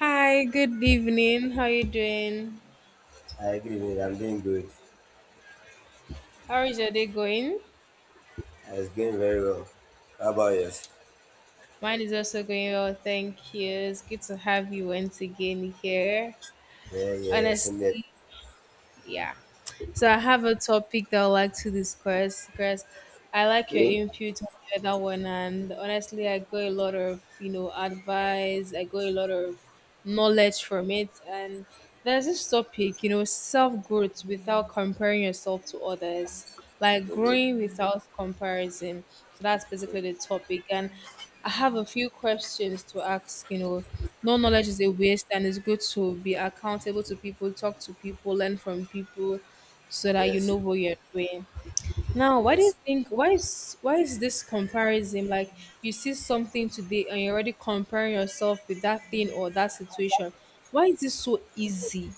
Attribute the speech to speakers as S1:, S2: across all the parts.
S1: Hi, good evening. How are you doing?
S2: Hi, good evening. I'm doing good.
S1: How is your day going?
S2: I It's doing very well. How about yours?
S1: Mine is also going well, thank you. It's good to have you once again here.
S2: Yeah, yeah, same here.
S1: Honestly, yeah, so I have a topic that I would like to discuss because I like your
S2: Okay.
S1: input on the other one, and honestly I got a lot of advice. I got a lot of knowledge from it, and there's this topic, self-growth without comparing yourself to others, like
S2: Mhm,
S1: growing without comparison. So that's basically the
S2: mhm.
S1: topic, and I have a few questions to ask. No knowledge is a waste, and it's good to be accountable to people, talk to people, learn from people, so that you
S2: Yes,
S1: know what you're doing. Now, why do you
S2: yes.
S1: think why is this comparison, like you see something today and you're already comparing yourself with that thing or that situation? Why is this so easy,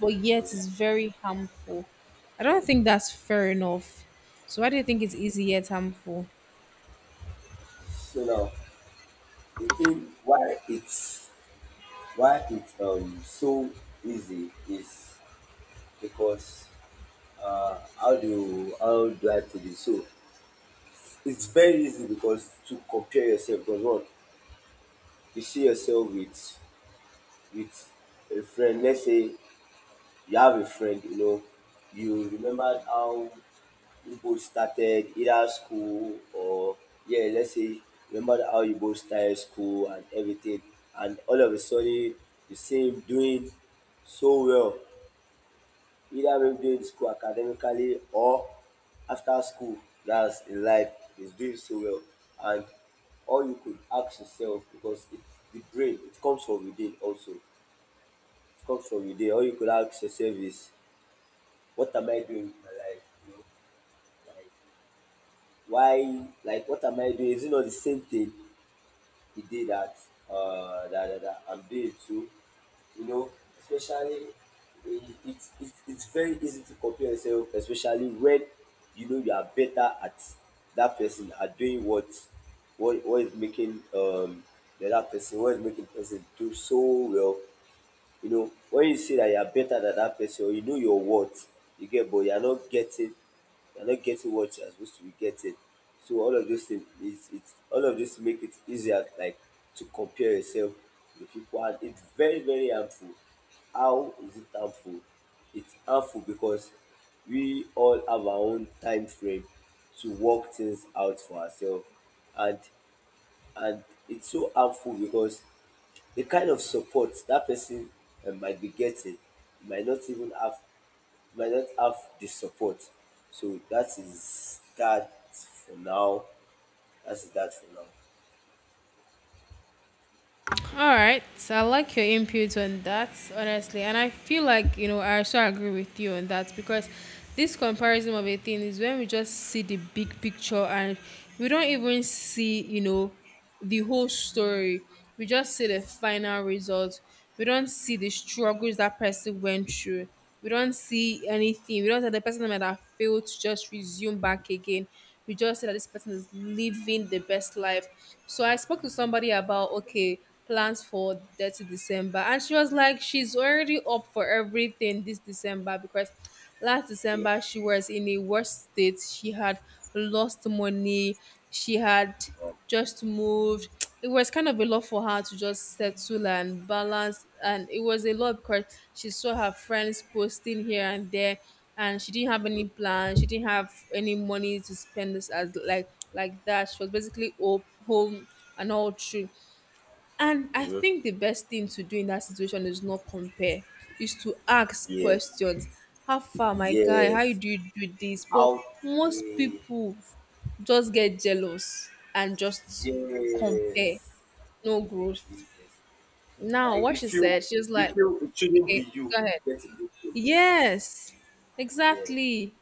S1: but yet
S2: Mhm.
S1: it's very harmful? I don't think that's fair enough. So why do you think it's easy yet harmful?
S2: So now the thing why it's so easy is because how do I put it? So it's very easy because to compare yourself, because one, you see yourself with a friend. Let's say you have a friend, you remembered how Igbo started either school or, yeah, let's say remember how Igbo started school and everything, and all of a sudden you see him doing so well, either him doing school academically or after school, that's in life, he's doing so well. And all you could ask yourself, because it, the brain, it comes from within also, it comes from within. All you could ask yourself is, what am I doing with my life? You know, like, why, like what am I doing, is it not the same thing he did, that I'm doing too, you know especially. It's very easy to compare yourself, especially when you know you are better at that person at doing what, what is making the that person, what is making person do so well. You know, when you say that you are better than that person, or you know your worth, you get, but you are not getting what you are supposed to be getting. So all of those things, is it's all of this make it easier, like to compare yourself with people, and it's very, very harmful. How is it harmful? It's harmful because we all have our own time frame to work things out for ourselves, and and it's so harmful because the kind of support that person might be getting, might not even have, might not have the support. So that is that for now. That's that for now.
S1: All right, so I like your input on that, honestly, and I feel like, I also agree with you on that, because this comparison of a thing is when we just see the big picture and we don't even see, the whole story. We just see the final result. We don't see the struggles that person went through. We don't see anything. We don't say the person might have failed to just resume back again. We just say that this person is living the best life. So I spoke to somebody about okay plans for 30 December, and she was like, she's already up for everything this December, because last
S2: Okay.
S1: December, she was in a worse state. She had lost money. She had
S2: Um,
S1: just moved. It was kind of a lot for her to just settle and balance. And it was a lot because she saw her friends posting here and there, and she didn't have any plans. She didn't have any money to spend this as like that. She was basically home and all through. And I
S2: Mhm.
S1: think the best thing to do in that situation is not compare, is to ask
S2: Yeah.
S1: questions. How far, my guy? How
S2: Yes.
S1: do you do this? But
S2: Out.
S1: most
S2: Yeah.
S1: people just get jealous and just compare,
S2: Yes.
S1: no growth.
S2: Yes.
S1: Now,
S2: Like
S1: what
S2: you
S1: she
S2: feel
S1: said, she was
S2: you
S1: like,
S2: feel it shouldn't
S1: okay,
S2: be you
S1: go ahead.
S2: getting this thing.
S1: Yes,
S2: Yeah.
S1: exactly,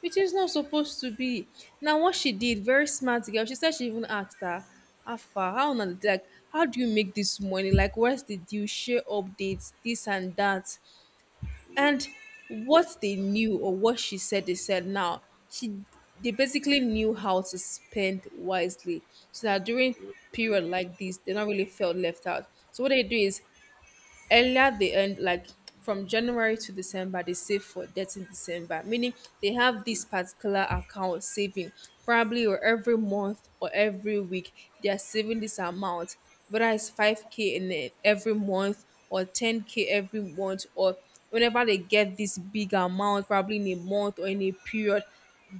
S1: which is not supposed to be. Now, what she did, very smart girl. She said she even asked her, how far, how on the like, how do you make this money? Like, where's the deal? Share updates, this and that,
S2: Mm.
S1: and what they knew, or what she said. They said now she they basically knew how to spend wisely, so that during period like this, they not really felt left out. So what they do is, earlier they end like from January to December, they save for debt in December, meaning they have this particular account saving probably, or every month or every week, they are saving this amount, whether it's 5k in it every month or 10k every month, or whenever they get this big amount, probably in a month or in a period,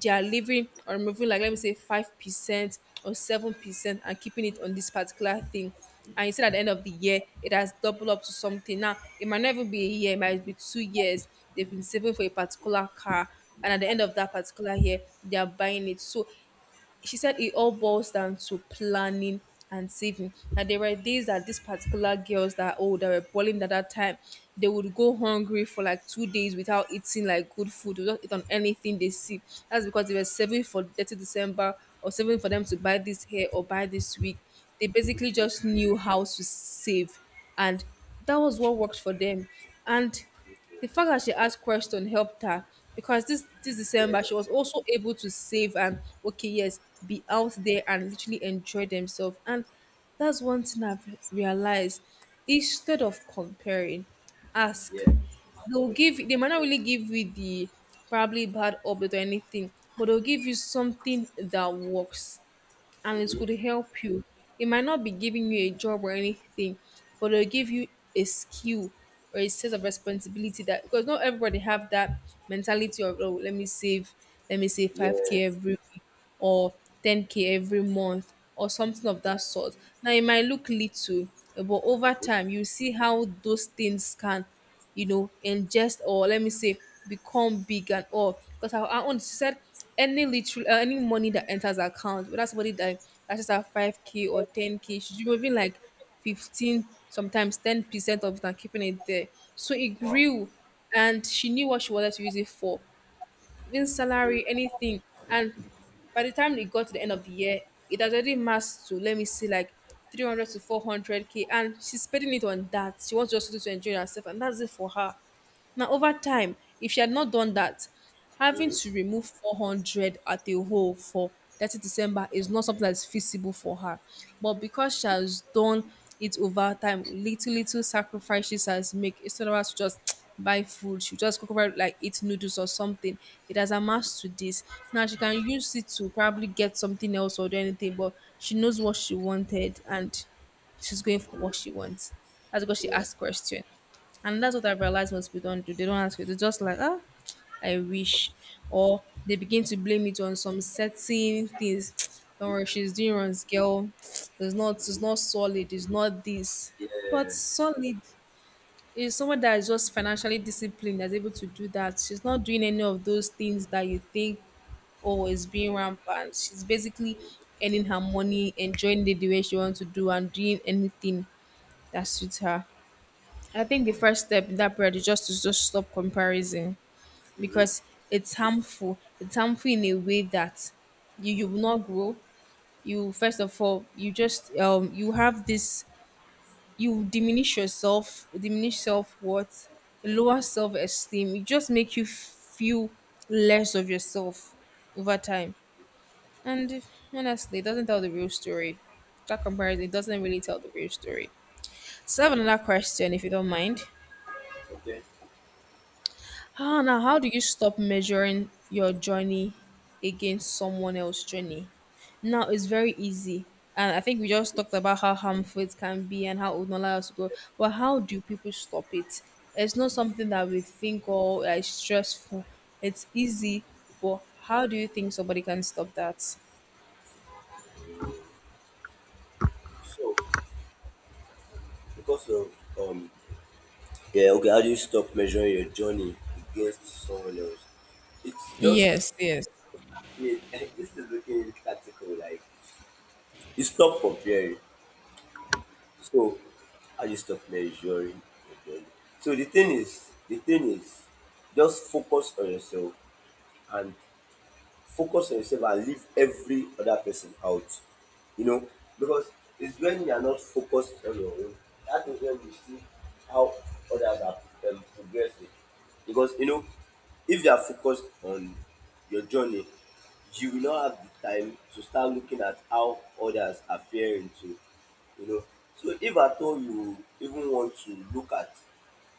S1: they are living or removing like, let me say, 5% or 7%, and keeping it on this particular thing. And you see at the end of the year it has doubled up to something. Now it might not even be a year, it might be 2 years they've been saving for a particular car, and at the end of that particular year they are buying it. So she said it all boils down to planning and saving. That there were days that these particular girls that, oh, that were balling at that time, they would go hungry for like 2 days without eating like good food, without eat on anything they see. That's because they were saving for 30 December, or saving for them to buy this hair or buy this wig. They basically
S2: Mhm.
S1: just knew how to save, and that was what worked for them. And
S2: Mhm.
S1: the fact that she asked question helped her, because this
S2: Yeah.
S1: December she was also able to save, and okay, yes, be out there and literally enjoy themselves. And that's one thing I've realized. Instead of comparing, ask.
S2: Yeah.
S1: they'll give
S2: Question.
S1: they might not really give you the probably bad update or anything, but they'll give you something that works, and
S2: True.
S1: it
S2: Mhm.
S1: could help you. It might not be giving you a job or anything, but it'll give you a skill or a sense of responsibility, that because not everybody have that mentality of, oh, let me save, let me save
S2: Yeah.
S1: 5k every week or 10k every month or something of
S2: Mhm.
S1: that sort. Now it might look little, eh, but over
S2: Mhm.
S1: time you see how those things can, you know, ingest, or let me say, become big and all. Because I once said any money that enters her account, whether somebody that that's just at 5k or 10k, should be moving like 15, sometimes 10% of it, and keeping it there. So it
S2: Wow.
S1: grew, and she knew what she wanted to use it for, even salary,
S2: Mm-hmm.
S1: anything. And by the time they got to the end of the year, it has already massed to, let me see, like 300 to 400k. And she's spending it on that. She wants just to enjoy herself, and that's it for her. Now, over time, if she had not done that, having
S2: Mm-hmm.
S1: to remove 400 at a whole for 30 December is not something that's feasible for her. But because she has done it over time, little, little sacrifices she has made, instead of us to just buy food, she just cook over like eat noodles or something. It has amassed to this. Now she can use it to probably get something else or do anything, but she knows what she wanted, and she's going for what she wants. That's because she
S2: Yeah.
S1: asked question. And that's what I realized hospitals do. They don't ask you. They're just like, ah, I wish. Or they begin to blame it on some certain things. Don't worry, she's doing wrong, girl. It's not solid, it's not this. But
S2: Yeah.
S1: solid is someone that is just financially disciplined, that's able to do that. She's not doing any of those things that you think, oh, is being rampant. She's basically earning her money, enjoying it the way she wants to do, and doing anything that suits her. I think the first step in that period is just to just stop comparison,
S2: Mm-hmm.
S1: because it's harmful. It's harmful in a way that you will not grow. You first of all, you just you have this, you diminish yourself, diminish self worth, lower self esteem. It just make you feel less of yourself over time. And honestly, it doesn't tell the real story. That comparison, it doesn't really tell the real story. So I have
S2: Yeah.
S1: another question if you don't mind.
S2: Okay.
S1: Ah, now? How do you stop measuring your journey against someone else's journey? Now it's very easy, and I think we just
S2: Okay.
S1: talked about how harmful it can be and how it would not allow us to grow. But how do people stop it? It's not something that we think or is stressful. It's easy, but how do you think somebody can stop that?
S2: So, because of um, yeah. Okay. How do you stop measuring your journey against someone else? It's just.
S1: Yes, yes.
S2: I mean, this is looking tactical. Like, you stop comparing. So, how do you stop measuring your journey? So the thing is, just focus on yourself, and focus on yourself and leave every other person out. You know, because it's when you are not focused on your own, that is when you see how others are, progressing. Because, if you are focused on your journey, you will not have the time to start looking at how others are faring too. You know, so if at all you even want to look at,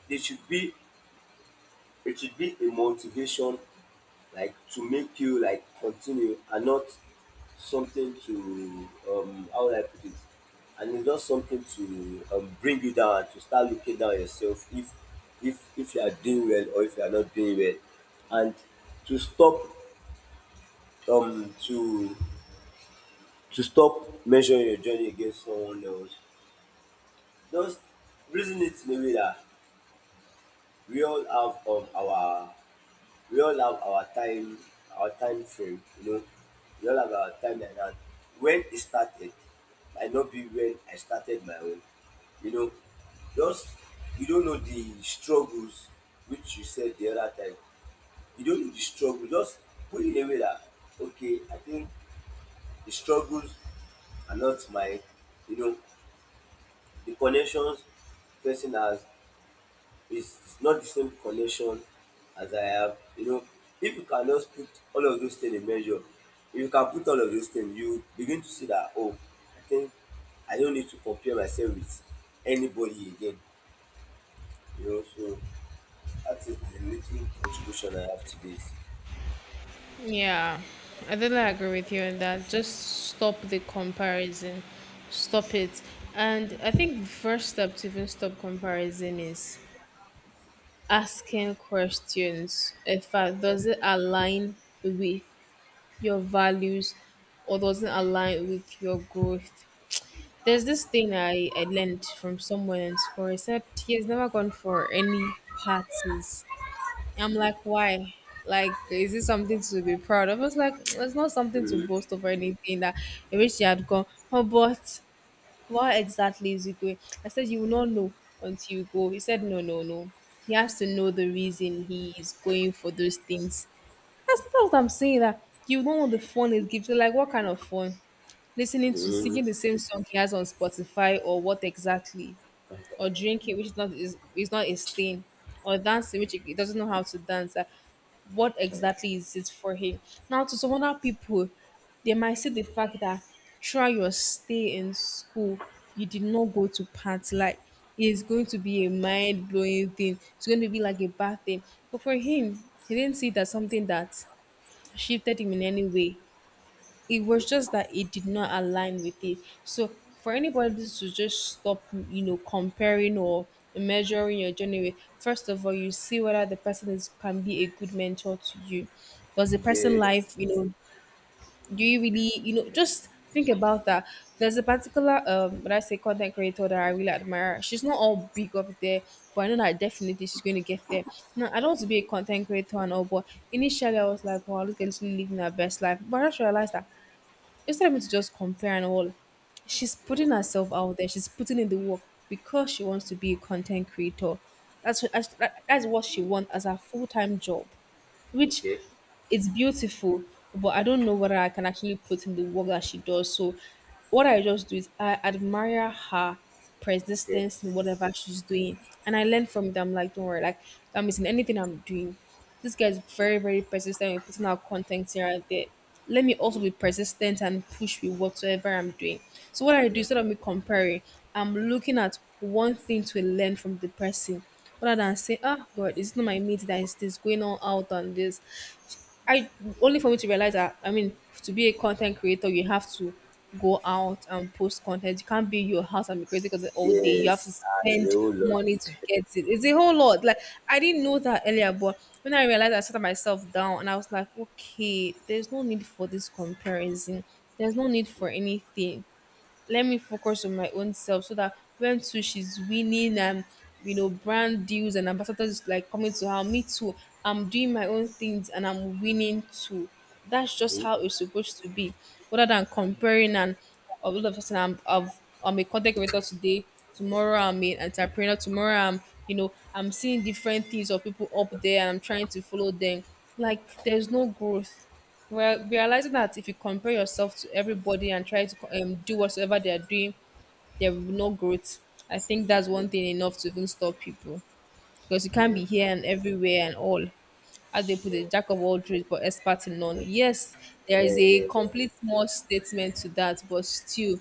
S2: there should be it should be a motivation, like to make you like continue, and not something to, how would I put it? And it's not something to bring you down and to start looking down on yourself, if you are doing well or if you are not doing well. And to stop um to to stop measuring your journey against someone else. Just reason it in a way that, we all have um our we all have our time frame, you know, we all have our time, like dat, when e started might not be when I started my own, you know, just, you don't know the struggles, which you said the other time, you don't know the struggle, just put it in a way dat, okay, I think the struggles are not mine, you know, the connections person has, it's not the same connection as I have. You know, if you cannot put all of those things in measure, if you can put all of those things, you begin to see that, oh, I think I don't need to compare myself with anybody again. You know, so that is the little contribution I have to this.
S1: Yeah, I totally agree with you on that. Just stop the comparison, stop it. And I think the first step to even stop comparison is asking questions. In fact, does it align with your values, or does it align with your growth? There's this thing I learned from someone in school. He said he has never gone for any parties. I'm like, why? Like, is this something to be proud of? It's like it's not something to
S2: Mhm.
S1: boast of or anything that I wish you had gone. Oh, but what exactly is it going? I said you will not know until you go. He said no, no, no. He has to know the reason he is going for those things. That's not what I'm saying. That you don't know the fun is gives you. Like, what kind of fun? Listening to singing the same song he has on Spotify, or what exactly? Or drinking, which is not his thing, or dancing, which he doesn't know how to dance. What exactly is it for him? Now, to some other people, they might see the fact that throughout your stay in school, you did not go to party. Like, it's going to be a mind blowing thing. It's going to be like a bad thing. But for him, he didn't see it as something that shifted him in any way. It was just that it did not align with it. So for anybody to just stop, comparing or measuring your journey with, first of all, you see whether the person is can be a good mentor to you. Does the person
S2: Yes.
S1: life, do you really, just think about that. There's a particular what I say content creator that I really admire. She's not all big up there, but I know that definitely she's going to get there. Now I don't want to be a content creator and all, but initially I was like, wow, this girl is really living her best life. But I just realized that instead of me to just compare and all, she's
S2: Mhm.
S1: putting herself out there. She's putting in the work because she wants to be a content creator. That's what that's that's what she wants as her full time job, which
S2: Okay.
S1: it's beautiful, but I don't know whether I can actually put in the work that she does. So what I just do is I admire her
S2: Okay.
S1: persistence in whatever she's doing. And I learn from them like don't worry, like that means in anything I'm doing. This guy is very, very persistent in putting out content here and there. Let me also be persistent and push with whatsoever I'm doing. So what I do
S2: Yeah.
S1: instead of me comparing, I'm looking at one thing to learn from the person rather than say, ah, God, it's not my meat that is this going on out on this. I only for me to realize that I mean to be a content creator, you have to go out and post content. You can't be in your house and be creating content all day. You have
S2: Yes.
S1: to
S2: I
S1: spend
S2: know a lot.
S1: money to get it. It's a whole lot. Like I didn't know that earlier, but when I realized I sat myself down and I was like, okay, there's no need for this comparison. There's no need for anything, let me focus on my own self so that when too she's winning and brand deals and ambassadors is like coming to her, me too, I'm doing my own things and I'm winning too. That's just
S2: Mm-hmm.
S1: how it's supposed to be, rather than comparing and, oh, all of a sudden I'm a content creator today, tomorrow I'm an entrepreneur, tomorrow I'm, I'm seeing different things of people up there and I'm trying to follow them, like there's no growth. Well, realizing that if you compare yourself to everybody and try to do whatsoever they are doing, there will be no growth. I think that's one thing enough to even stop people, because you can't
S2: Yeah.
S1: be here and everywhere and all. As they put
S2: Yeah.
S1: it, jack of all trades but expert in none.
S2: Yeah,
S1: Yes, there
S2: yeah,
S1: is a
S2: yeah.
S1: complete small statement to that, but still,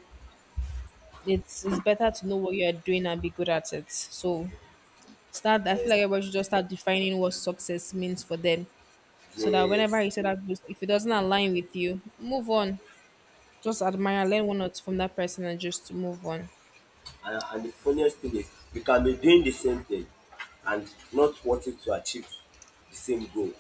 S1: it's better to know what you are doing and be good at it. So start. I feel
S2: Yeah.
S1: like everybody should just start defining what success means for them, so that whenever
S2: Yes.
S1: you say that, if it doesn't align with you, move on. Just admire, learn one or two from that person, and just to move on.
S2: And the funniest thing is, you can be doing the same thing and not wanting to achieve the same goal.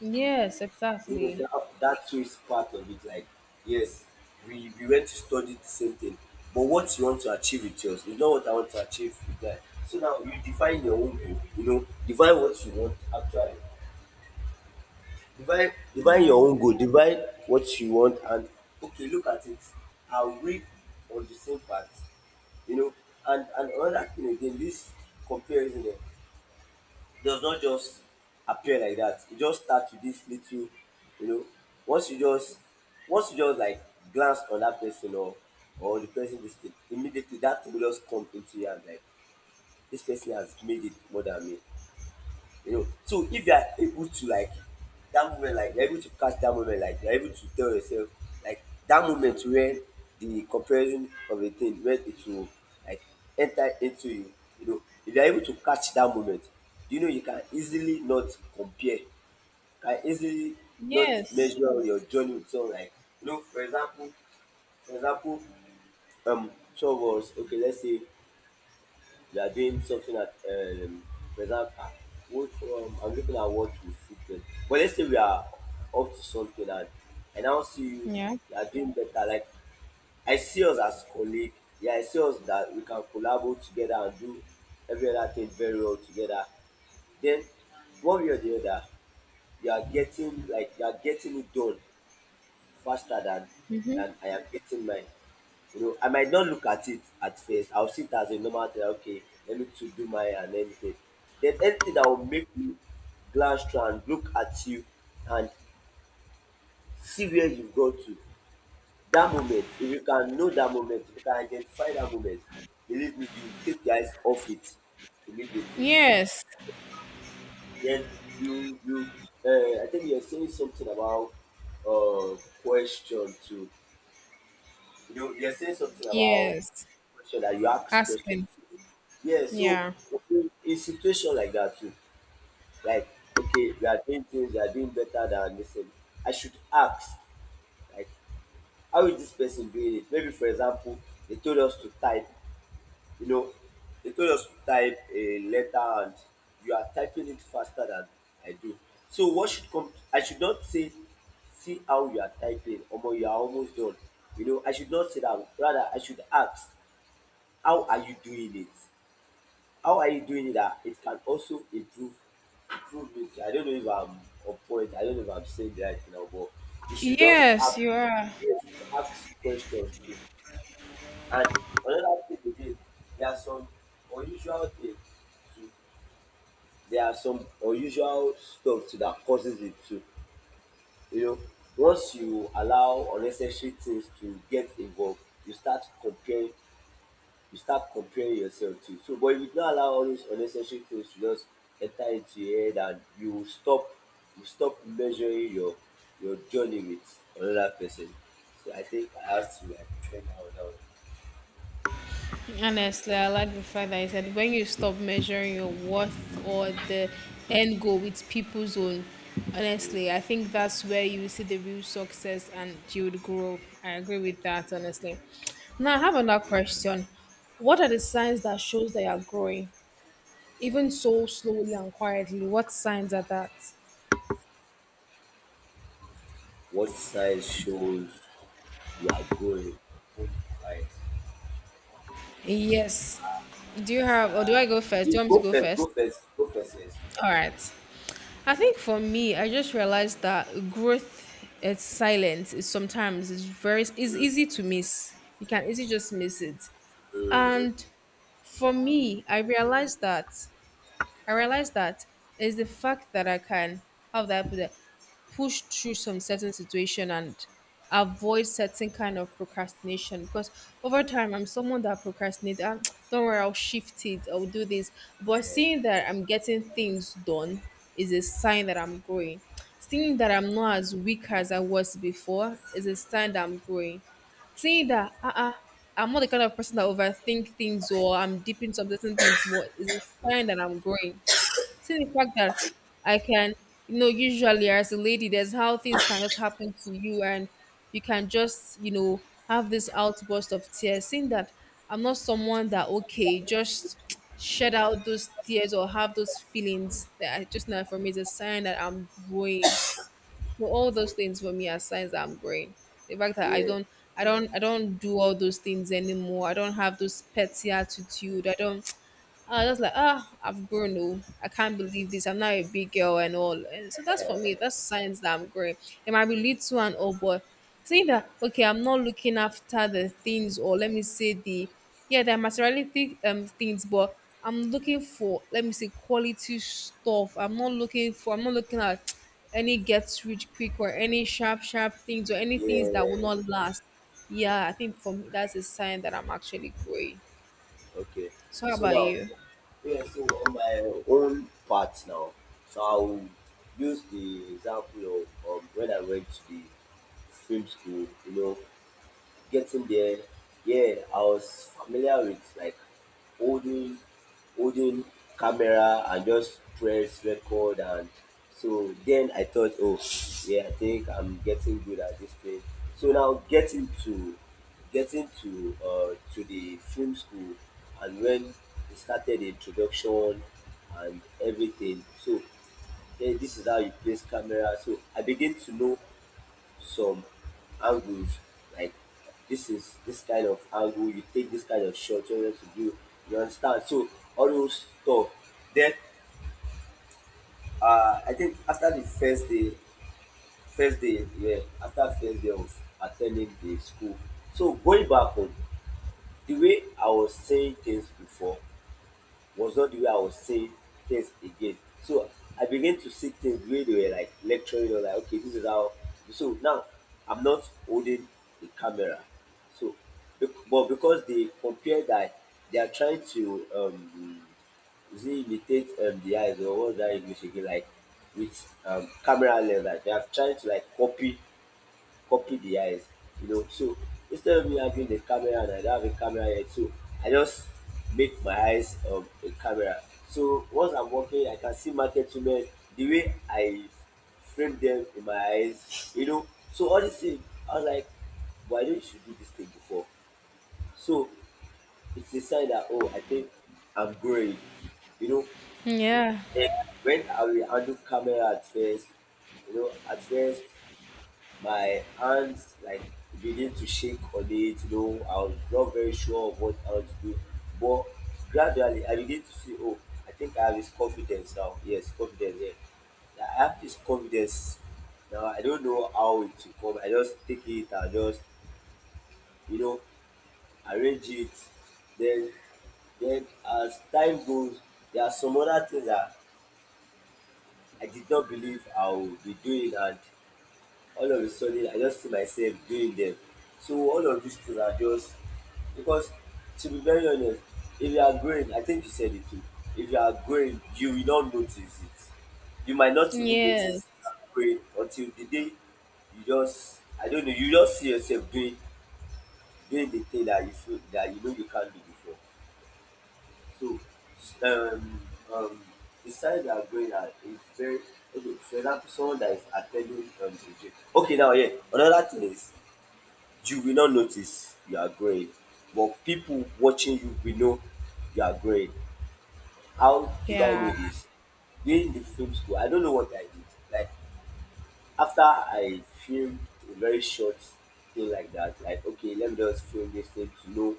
S1: Yes,
S2: You know,
S1: exactly.
S2: that, that too is part of it. Like, yes, we went to study the same thing, but what you want to achieve with yours is not what I want to achieve with that. So now you define your own goal, you know, define what you want actually. Define
S1: Yeah.
S2: your own goal, define what you want, and okay, look at it. Are we on the same path? You know, and another thing again, this comparison, eh, does not just appear like that. It just starts with this little, you know, once you just once you just like glance on that person, or the person this thing, immediately that thing will just come into you, and like, this person has made it more than me, you know, so if you are able to, like that moment, like, you're able to catch that moment, like, you're able to tell yourself, like that moment where the comparison of a thing, where it will like enter into you, you know, if you're able to catch that moment, you know, you can easily not compare, can easily not
S1: Yes.
S2: measure your journey with someone. Like, you know, for example, for example, two of, okay, let's say we are doing something at, for example, ah, what, I'm looking at what we fit get. But let's say we are up to something, and I now see you,
S1: Yeah.
S2: you are doing better. Like, I see us as colleague, yeah, I see us that we can collaborate together and do every other thing very well together. Then one way or the other, you are getting, like you are getting it done faster than I am getting mine. You know, I might not look at it at first. I'll see it as a normal thing. Like, okay, let me to do mine and anything. Then anything that will make me glance through and look at you and see where you've got to. That moment, if you can know that moment, if you can identify that moment, believe me, you take your eyes off it immediately.
S1: Yes.
S2: Then you I think you're saying something about, uh question too. You're saying something about
S1: Yes.
S2: question, that you ask questions.
S1: Asking.
S2: Yeah, so
S1: Yeah.
S2: okay, in situation like that too, like okay, we are doing things, we are doing better than this thing. I should ask, like, how is this person doing it? Maybe for example, they told us to type, you know, they told us to type a letter, and you are typing it faster than I do. So what should come? I should not say, see how you are typing, omo you are almost done, you know, I should not say that, rather I should ask, how are you doing it? How are you doing it that it can also improve, improve it? I don't know if I'm on point, I don't know if I'm saying the right thing now, but you should just
S1: Yes,
S2: ask,
S1: you are.
S2: you should ask questions too. And another thing again, there are some unusual things too. There are some unusual stuff too that causes it too. You know, once you allow unnecessary things to get involved, you start comparing you start comparing yourself to. So, but if you don't allow all those unnecessary things to just enter into your head, and you will stop, you stop measuring your journey with another person. So I think I have to like train out now.
S1: Honestly, I like the fact that he said when you stop measuring your worth or the end goal with people's own,
S2: Mm.
S1: honestly, I think that's where you will see the real success and you would grow. I agree with that, honestly. Now, I have another question. What are the signs that shows that you're growing? Even so slowly and quietly, what signs are that?
S2: What size shows you are going? Right.
S1: Yes. Do you have, or do I go first? Do
S2: You
S1: you want
S2: go
S1: me to go
S2: first. Go
S1: first?
S2: first. Go first. Yes.
S1: All right. I think for me, I just realized that growth at silence is sometimes is very is
S2: Mm,
S1: easy to miss. You can easily just miss it.
S2: mm.
S1: And for me, I realized that I realized that is the fact that I can, how would I put it? Push through some certain situation and avoid certain kind of procrastination because over time I'm someone that procrastinates, ah, don't worry, I'll shift it, I'll do this, but seeing that I'm getting things done is a sign that I'm growing. Seeing that I'm not as weak as I was before is a sign that I'm growing. Seeing that I'm not the kind of person that overthink things or I'm deep into certain things more is a sign that I'm growing. See the fact that I can, usually as a lady, there's how things can just happen to you and you can just, have this outburst of tears. Seeing that I'm not someone that, okay, just shed out those tears or have those feelings that I just know for me is a sign that I'm growing. So all those things for me are signs that I'm growing. The fact that
S2: Yeah.
S1: I don't do all those things anymore. I don't have those petty attitude. I don't I was like, ah, I've grown. Oh, I can't believe this. I'm now a big girl and all. And so that's for me. That's signs that I'm growing. It might be little and all, but saying that okay, I'm not looking after the things, or let me say the, yeah, the materialistic things, but I'm looking for, let me say, quality stuff. I'm not looking for. I'm not looking at any get rich quick or any sharp sharp things or any things that will
S2: Yeah.
S1: not last. Yeah, I think for me that's a sign that I'm actually growing.
S2: Okay.
S1: So how
S2: So
S1: about
S2: now,
S1: you?
S2: yeah, so on my own part now, so I'll use the example of, when I went to the film school. You know, getting there, yeah, I was familiar with, like, holding holding camera and just press record, and so then I thought, oh yeah, I think I'm getting good at this thing. So now getting to the film school, and when we started the introduction and everything, so then this is how you place camera. So I begin to know some angles, like, this is this kind of angle, you take this kind of shot, you know what to do. You understand? So all those stuff. Then, I think after the first day, yeah, after first day of attending the school. So going back home, the way I was saying things before was not the way I was saying things again. So I began to see things the way they were, like lecturing or like, okay, this is how. So now I'm not holding the camera. So, but because they compare that, they are trying to is it imitate the eyes, or what's that English again? Like with camera lens, like they are trying to like copy the eyes, you know. So instead of me having the camera, and I don't have a camera yet, so I just make my eyes a camera. So once I'm walking, I can see market women the way I frame them in my eyes, you know. So all these things, I was like, why don't you do this thing before? So it's a sign that oh, I think I'm growing, you know.
S1: Yeah.
S2: Then when I will handle camera at first, you know, at first my hands like begin to shake on it, you know, I was not very sure of what I was doing. But gradually I begin to see, oh, I think I have this confidence now. Yes, confidence, yeah. I have this confidence now. I don't know how it will come. I just take it, I just, you know, arrange it. Then then as time goes, there are some other things that I did not believe I would be doing, and all of a sudden I just feel myself doing them. So all of these things are just because to be very honest, if you are growing, I think you said it too. If you are growing, you will not notice it. You might not even notice
S1: Yes,
S2: you are growing until the day you just, I don't know, you just see yourself doing the thing that you feel that you know you can't do before. So um um the signs that are growing are is very okay, for example someone that is attending a gym. Okay now, yeah, another thing is you will not notice you are growing, but people watching you will know you are growing. How did I know
S1: yeah,
S2: this? During the film school, I don't know what I did. Like after I filmed a very short thing like that, like okay, let me just film this thing to know,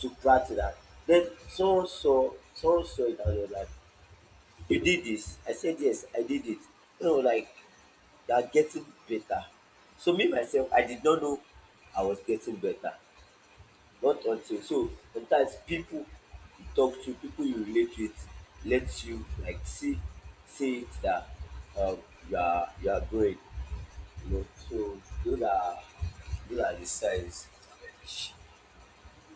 S2: to practice that. Then someone saw it and was like, you did this? I said yes, I did it. You know, like you are getting better. So me myself, I did not know I was getting better. Not until. So sometimes people you talk to, people you relate with, lets you like see it that um, you are growing. You know, so those are the signs.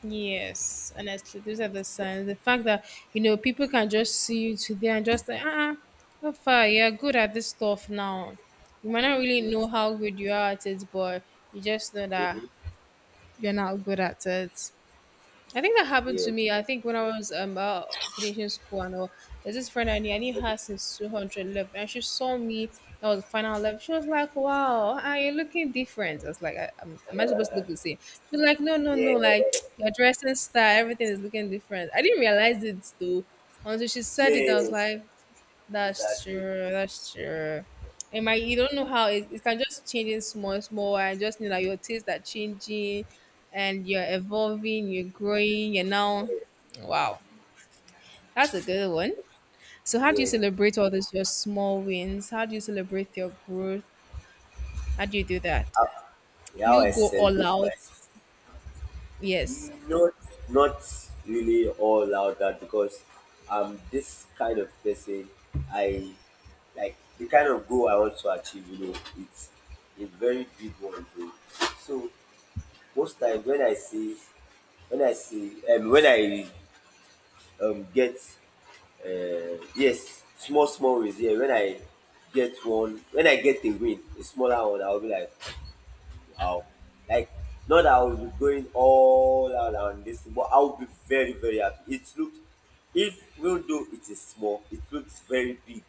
S1: yes. Honestly, those are the signs. The fact that you know people can just see you today and just like, ah, so far you're good at this stuff now. You might not really know
S2: Yes.
S1: how good you are at it, but you just know that
S2: Mm-hmm.
S1: you're not good at it. I think that happened
S2: Yeah.
S1: to me. I think when I was finishing school, and all, there's this friend I knew. I knew her since 211, and she saw me. That was the final level. She was like, "Wow, ah, you're looking different." I was like, "Am I supposed to
S2: Uh,
S1: look the same?" She was like, "No, no,
S2: yeah.
S1: no. Like your dressing style, everything is looking different." I didn't realize it though until she said it. I was
S2: Yes.
S1: like, that's
S2: Exactly.
S1: true. That's true. And my, you don't know how it can just change in small and small. I just know that your tastes are changing, and you're evolving. You're growing. You're now, wow, that's a good one. So, how do you
S2: Yeah.
S1: celebrate all this your small wins? How do you celebrate your growth? How do you do that?
S2: How, yeah,
S1: Do
S2: how
S1: you
S2: I
S1: go all
S2: celebrate
S1: out?
S2: life.
S1: Yes.
S2: Not, not really all out that, because I'm this kind of person. I like the kind of goal I want to achieve. You know, it's a very big one. Though. So most times when I see, when I see, when I get, yes, small small wins. Yeah, when I get one, when I get a win, a smaller one, I'll be like, I'll like, not that I will be going all out on this, but I'll be very, very happy. It looked, if even though it is small, it looks very big,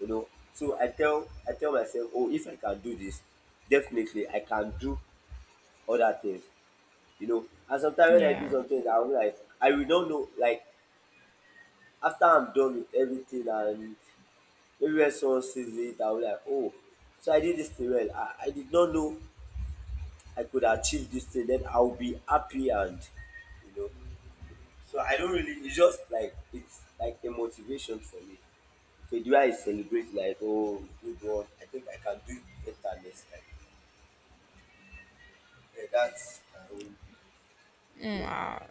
S2: you know. So I tell myself, oh, if I can do this, definitely I can do other things, you know. And sometimes when I do
S1: Yeah.
S2: something, I'm like, I will not know. Like after I'm done with everything, and maybe when someone sees it, I'll be like, oh, so I did this thing well. I did not know I could achieve this thing, then I'll be happy and you know. So I don't really, it's just like, it's like a motivation for me. So the way I celebrate, like oh good one, I think I can do it better next time. Yeah, that's my own
S1: Hmm,
S2: feeling.
S1: wow.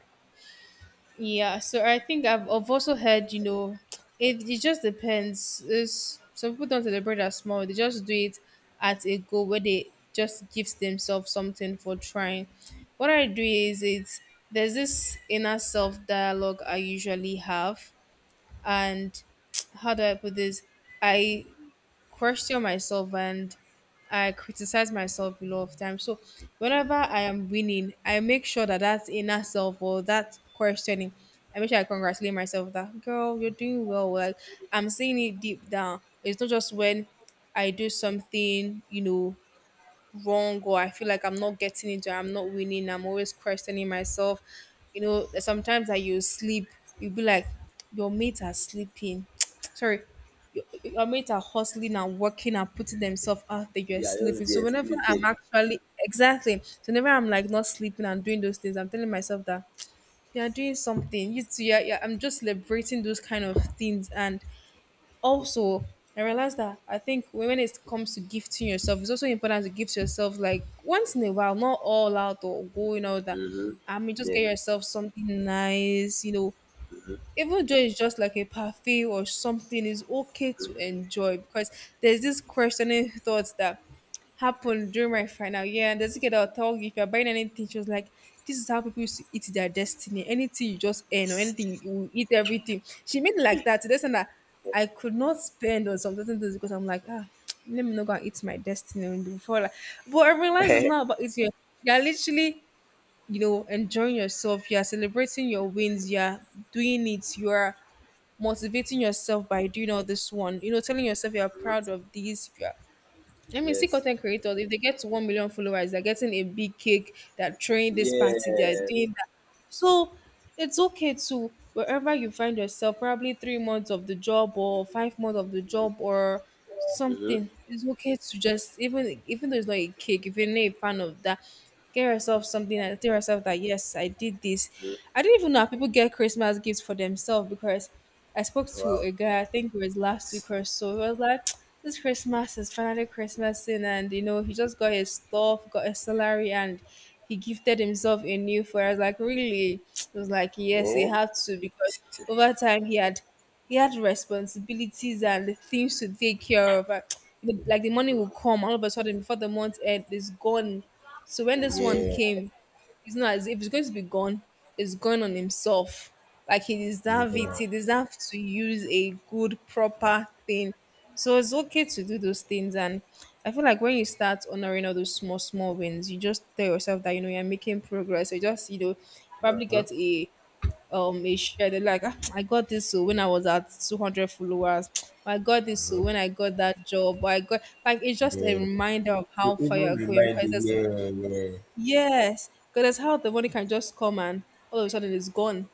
S1: Yeah, so I think I've also heard, it, it just depends. It's, some people don't celebrate as small, they just do it at a go where they just gives themselves something for trying. What I do is it's there's this inner self dialogue I usually have, and how do I put this? I question myself and I criticize myself a lot of times. So whenever I am winning, I make sure that that inner self or that questioning, I make sure I congratulate myself that girl, you're doing well. Like I'm seeing it deep down. It's not just when I do something, wrong, or I feel like I'm not getting it or I'm not winning. I'm always questioning myself. You know, there's sometimes that you sleep, you'll be like, your mates are sleeping. Sorry, your mates are hustling and working and putting themselves out there. You're
S2: Yeah, I just
S1: sleeping. So
S2: there
S1: whenever I'm
S2: sleeping.
S1: actually exactly, so whenever I'm like not sleeping and doing those things, I'm telling myself that you're doing something. You too. Yeah, yeah. I'm just celebrating those kind of things and also I realized that I think when it comes to gifting yourself, it's also important to gift yourself like once in a while, not all out or going out that.
S2: Mm-hmm.
S1: "Ah, I mean, just
S2: Yeah.
S1: get yourself something nice, even though it's just like a parfait or something, it's okay to enjoy because there's this questioning thoughts that happened during my final year. And there's a kid that will tell you if you're buying anything, she was like, this is how people used to eat their destiny. Anything you just earn or anything, you will eat everything. She made it like that. There's something that I could not spend on some certain things because I'm like, ah, let me not go and eat my destiny before. Like, but I realize it's not about eating. You're literally enjoying yourself, you are celebrating your wins, you are doing it, you are motivating yourself by doing all this one, telling yourself you are proud of this, you are, I mean, see
S2: Yes.
S1: content creators, if they get to 1 million followers, they're getting a big cake, they're throwing this party, they're
S2: Yeah.
S1: doing that. So it's okay to, wherever you find yourself, probably 3 months of the job or 5 months of the job or
S2: Mm-hmm.
S1: something, it's okay to just, even even though it's not a cake, if you're not a fan of that, get yourself something and tell yourself that, yes, I did this.
S2: Hmm.
S1: I didn't even know how people get Christmas gifts for themselves because I spoke to
S2: Wow.
S1: a guy, I think it was last week or so. He was like, this Christmas is finally Christmas in and you know, he just got his stuff, got his salary and he gifted himself a new phone. I was like, really? He was like, yes, he
S2: Oh.
S1: had to because over time he had responsibilities and things to take care of. Like the like, the money will come all of a sudden before the month end is gone. So when this one
S2: Yeah.
S1: came, it's not as if it's going to be gone, it's gone on himself. Like he deserves it.
S2: Yeah.
S1: He deserves to use a good, proper thing. So it's okay to do those things. And I feel like when you start honoring all those small, small wins, you just tell yourself that, you're making progress. You just, probably
S2: Mm-hmm.
S1: get a share. They're like, "Ah, I got this so when I was at 200 followers. I got this so when I got that job. I got like it's just a
S2: Yeah.
S1: reminder of
S2: So
S1: how far
S2: even
S1: you're going
S2: remind
S1: because
S2: you,
S1: there's,
S2: yeah, yeah,
S1: yes, because that's how the money can just come and all of a sudden it's gone.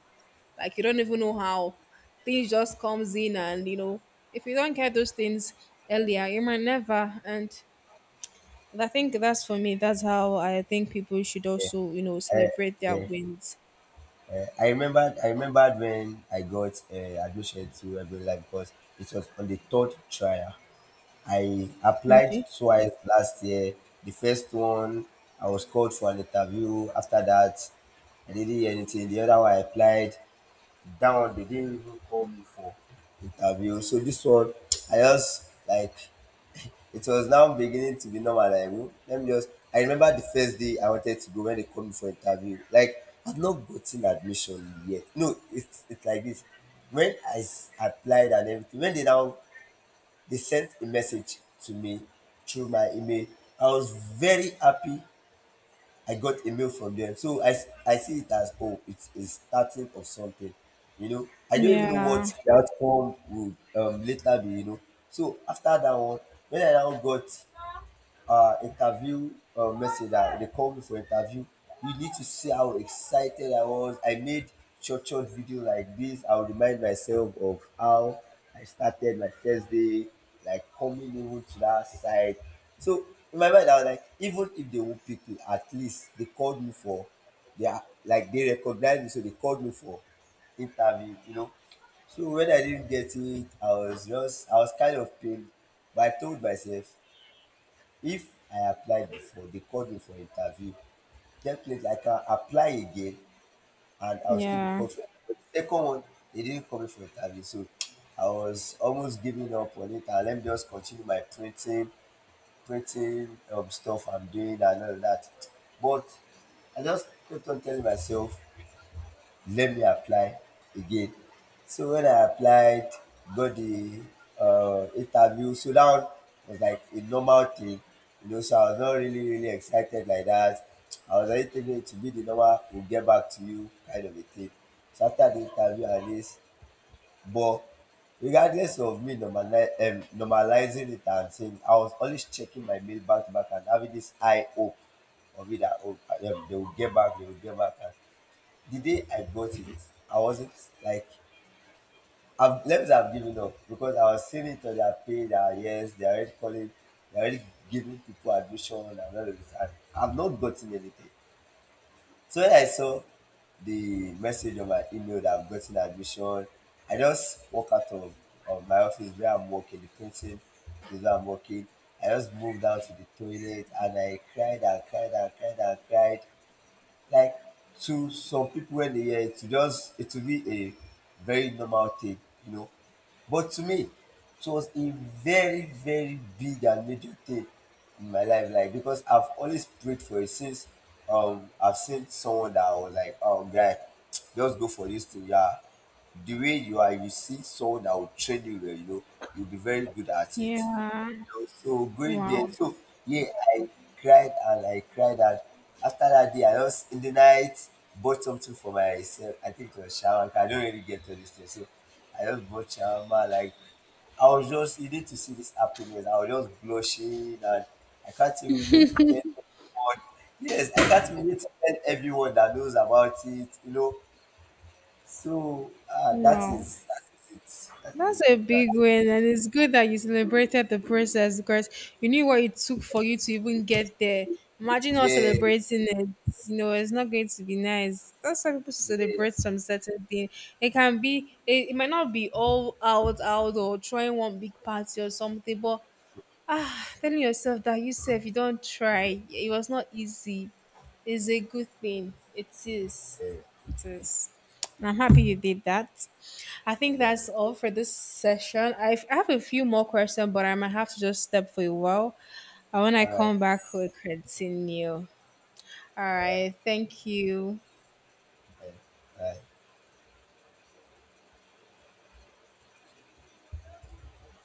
S1: Like you don't even know how things just comes in, and you know if you don't get those things earlier, you might never. And I think that's for me. That's how I think people should
S2: yeah.
S1: also you know
S2: I,
S1: celebrate their
S2: yeah.
S1: wins.
S2: I remembered when I got admission to every Life, because it was on the third trial. I applied
S1: Okay.
S2: twice last year. The first one, I was called for an interview. After that, I didn't hear anything. The other one, I applied. That one, they didn't even call me for interview. So this one, I just like, it was now beginning to be normal. Like, "Hmm, let me just. I remember the first day I wanted to go when they called me for interview. Like, I've not gotten admission yet. No, it's like this. When I applied and everything, when they now they sent a message to me through my email, I was very happy. I got a mail from them, so I I see it as oh, it's a starting of something. You know, I don't even know
S1: Yeah.
S2: what the outcome would later be. You know, so after that one, when I now got interview, message that they called me for interview. You need to see how excited I was. I made short short video like this. I'll remind myself of how I started my first day, like coming even to that side. So in my mind, I was like, even if they won't pick me, at least they called me for, they are like they recognized me, so they called me for interview, you know. So when I didn't get it, I was just, I was kind of pained, but I told myself, if I applied before, they called me for interview. Definitely, I can apply again and I'll still be
S1: Yeah.
S2: called for. But the second one, they didn't call me for interview. So I was almost giving up on it. And let me just continue my printing, printing stuff I'm doing and all of that. But I just kept on telling myself, let me apply again. So when I applied, got the interview, so that one was like a normal thing, you know. So I was not really, really excited like that. I was already thinking it to be the normal, we'll get back to you kind of a thing. So after the interview and this, but regardless of me normalizing it and saying, I was always checking my mail back to back and having this high hope of it that oh, they will get back, they will get back. And the day I bought it, I wasn't like, I've, let me say I've given up, because I was seeing it on their page that yes, they're already calling, they're already giving people admission and all of this, and I've not gotten anything. So when I saw the message on my email that I've gotten admission, I just walk out of my office where I'm working, the printing is where I'm working. I just moved down to the toilet and I cried and cried and cried and cried. Like to some people when they hear it, it just, it will be a very normal thing, you know. But to me, it was a very, very big and major thing in my life, like because I've always prayed for it since I've seen someone that I was like, oh guy, just go for this thing, yeah. The way you are, you see someone that will train you well, you know, you'll be very good at it,
S1: Yeah.
S2: so going there,
S1: Wow.
S2: so yeah, I cried and I cried, and after that day, I just in the night bought something for myself. I think it was shawarma. 'Cause I don't really get to this thing, so I just bought shawarma. Like I was just, you need to see this happiness. I was just blushing and I can't even wait to tell everyone. Yes, I can't even wait to tell everyone that knows about it. You know, so that
S1: Wow.
S2: is that is it. That is
S1: That's
S2: it
S1: a
S2: for that.
S1: big win, and it's good that you celebrated the process because you knew what it took for you to even get there. Imagine not
S2: Yeah,
S1: celebrating it. You know, it's not going to be nice. That's why people should celebrate
S2: yes.
S1: some certain thing. It can be, it might not be all out, out or throwing one big party or something, but ah telling yourself that you self you don't try it was not easy is a good thing, it is,
S2: Yeah.
S1: it is, and I'm happy you did that. I think
S2: Yeah.
S1: that's all for this session. I have a few more questions but I might have to just step for a while, and when I
S2: All right.
S1: come back we'll continue. All
S2: All right.
S1: right, thank you.
S2: Yeah. All right.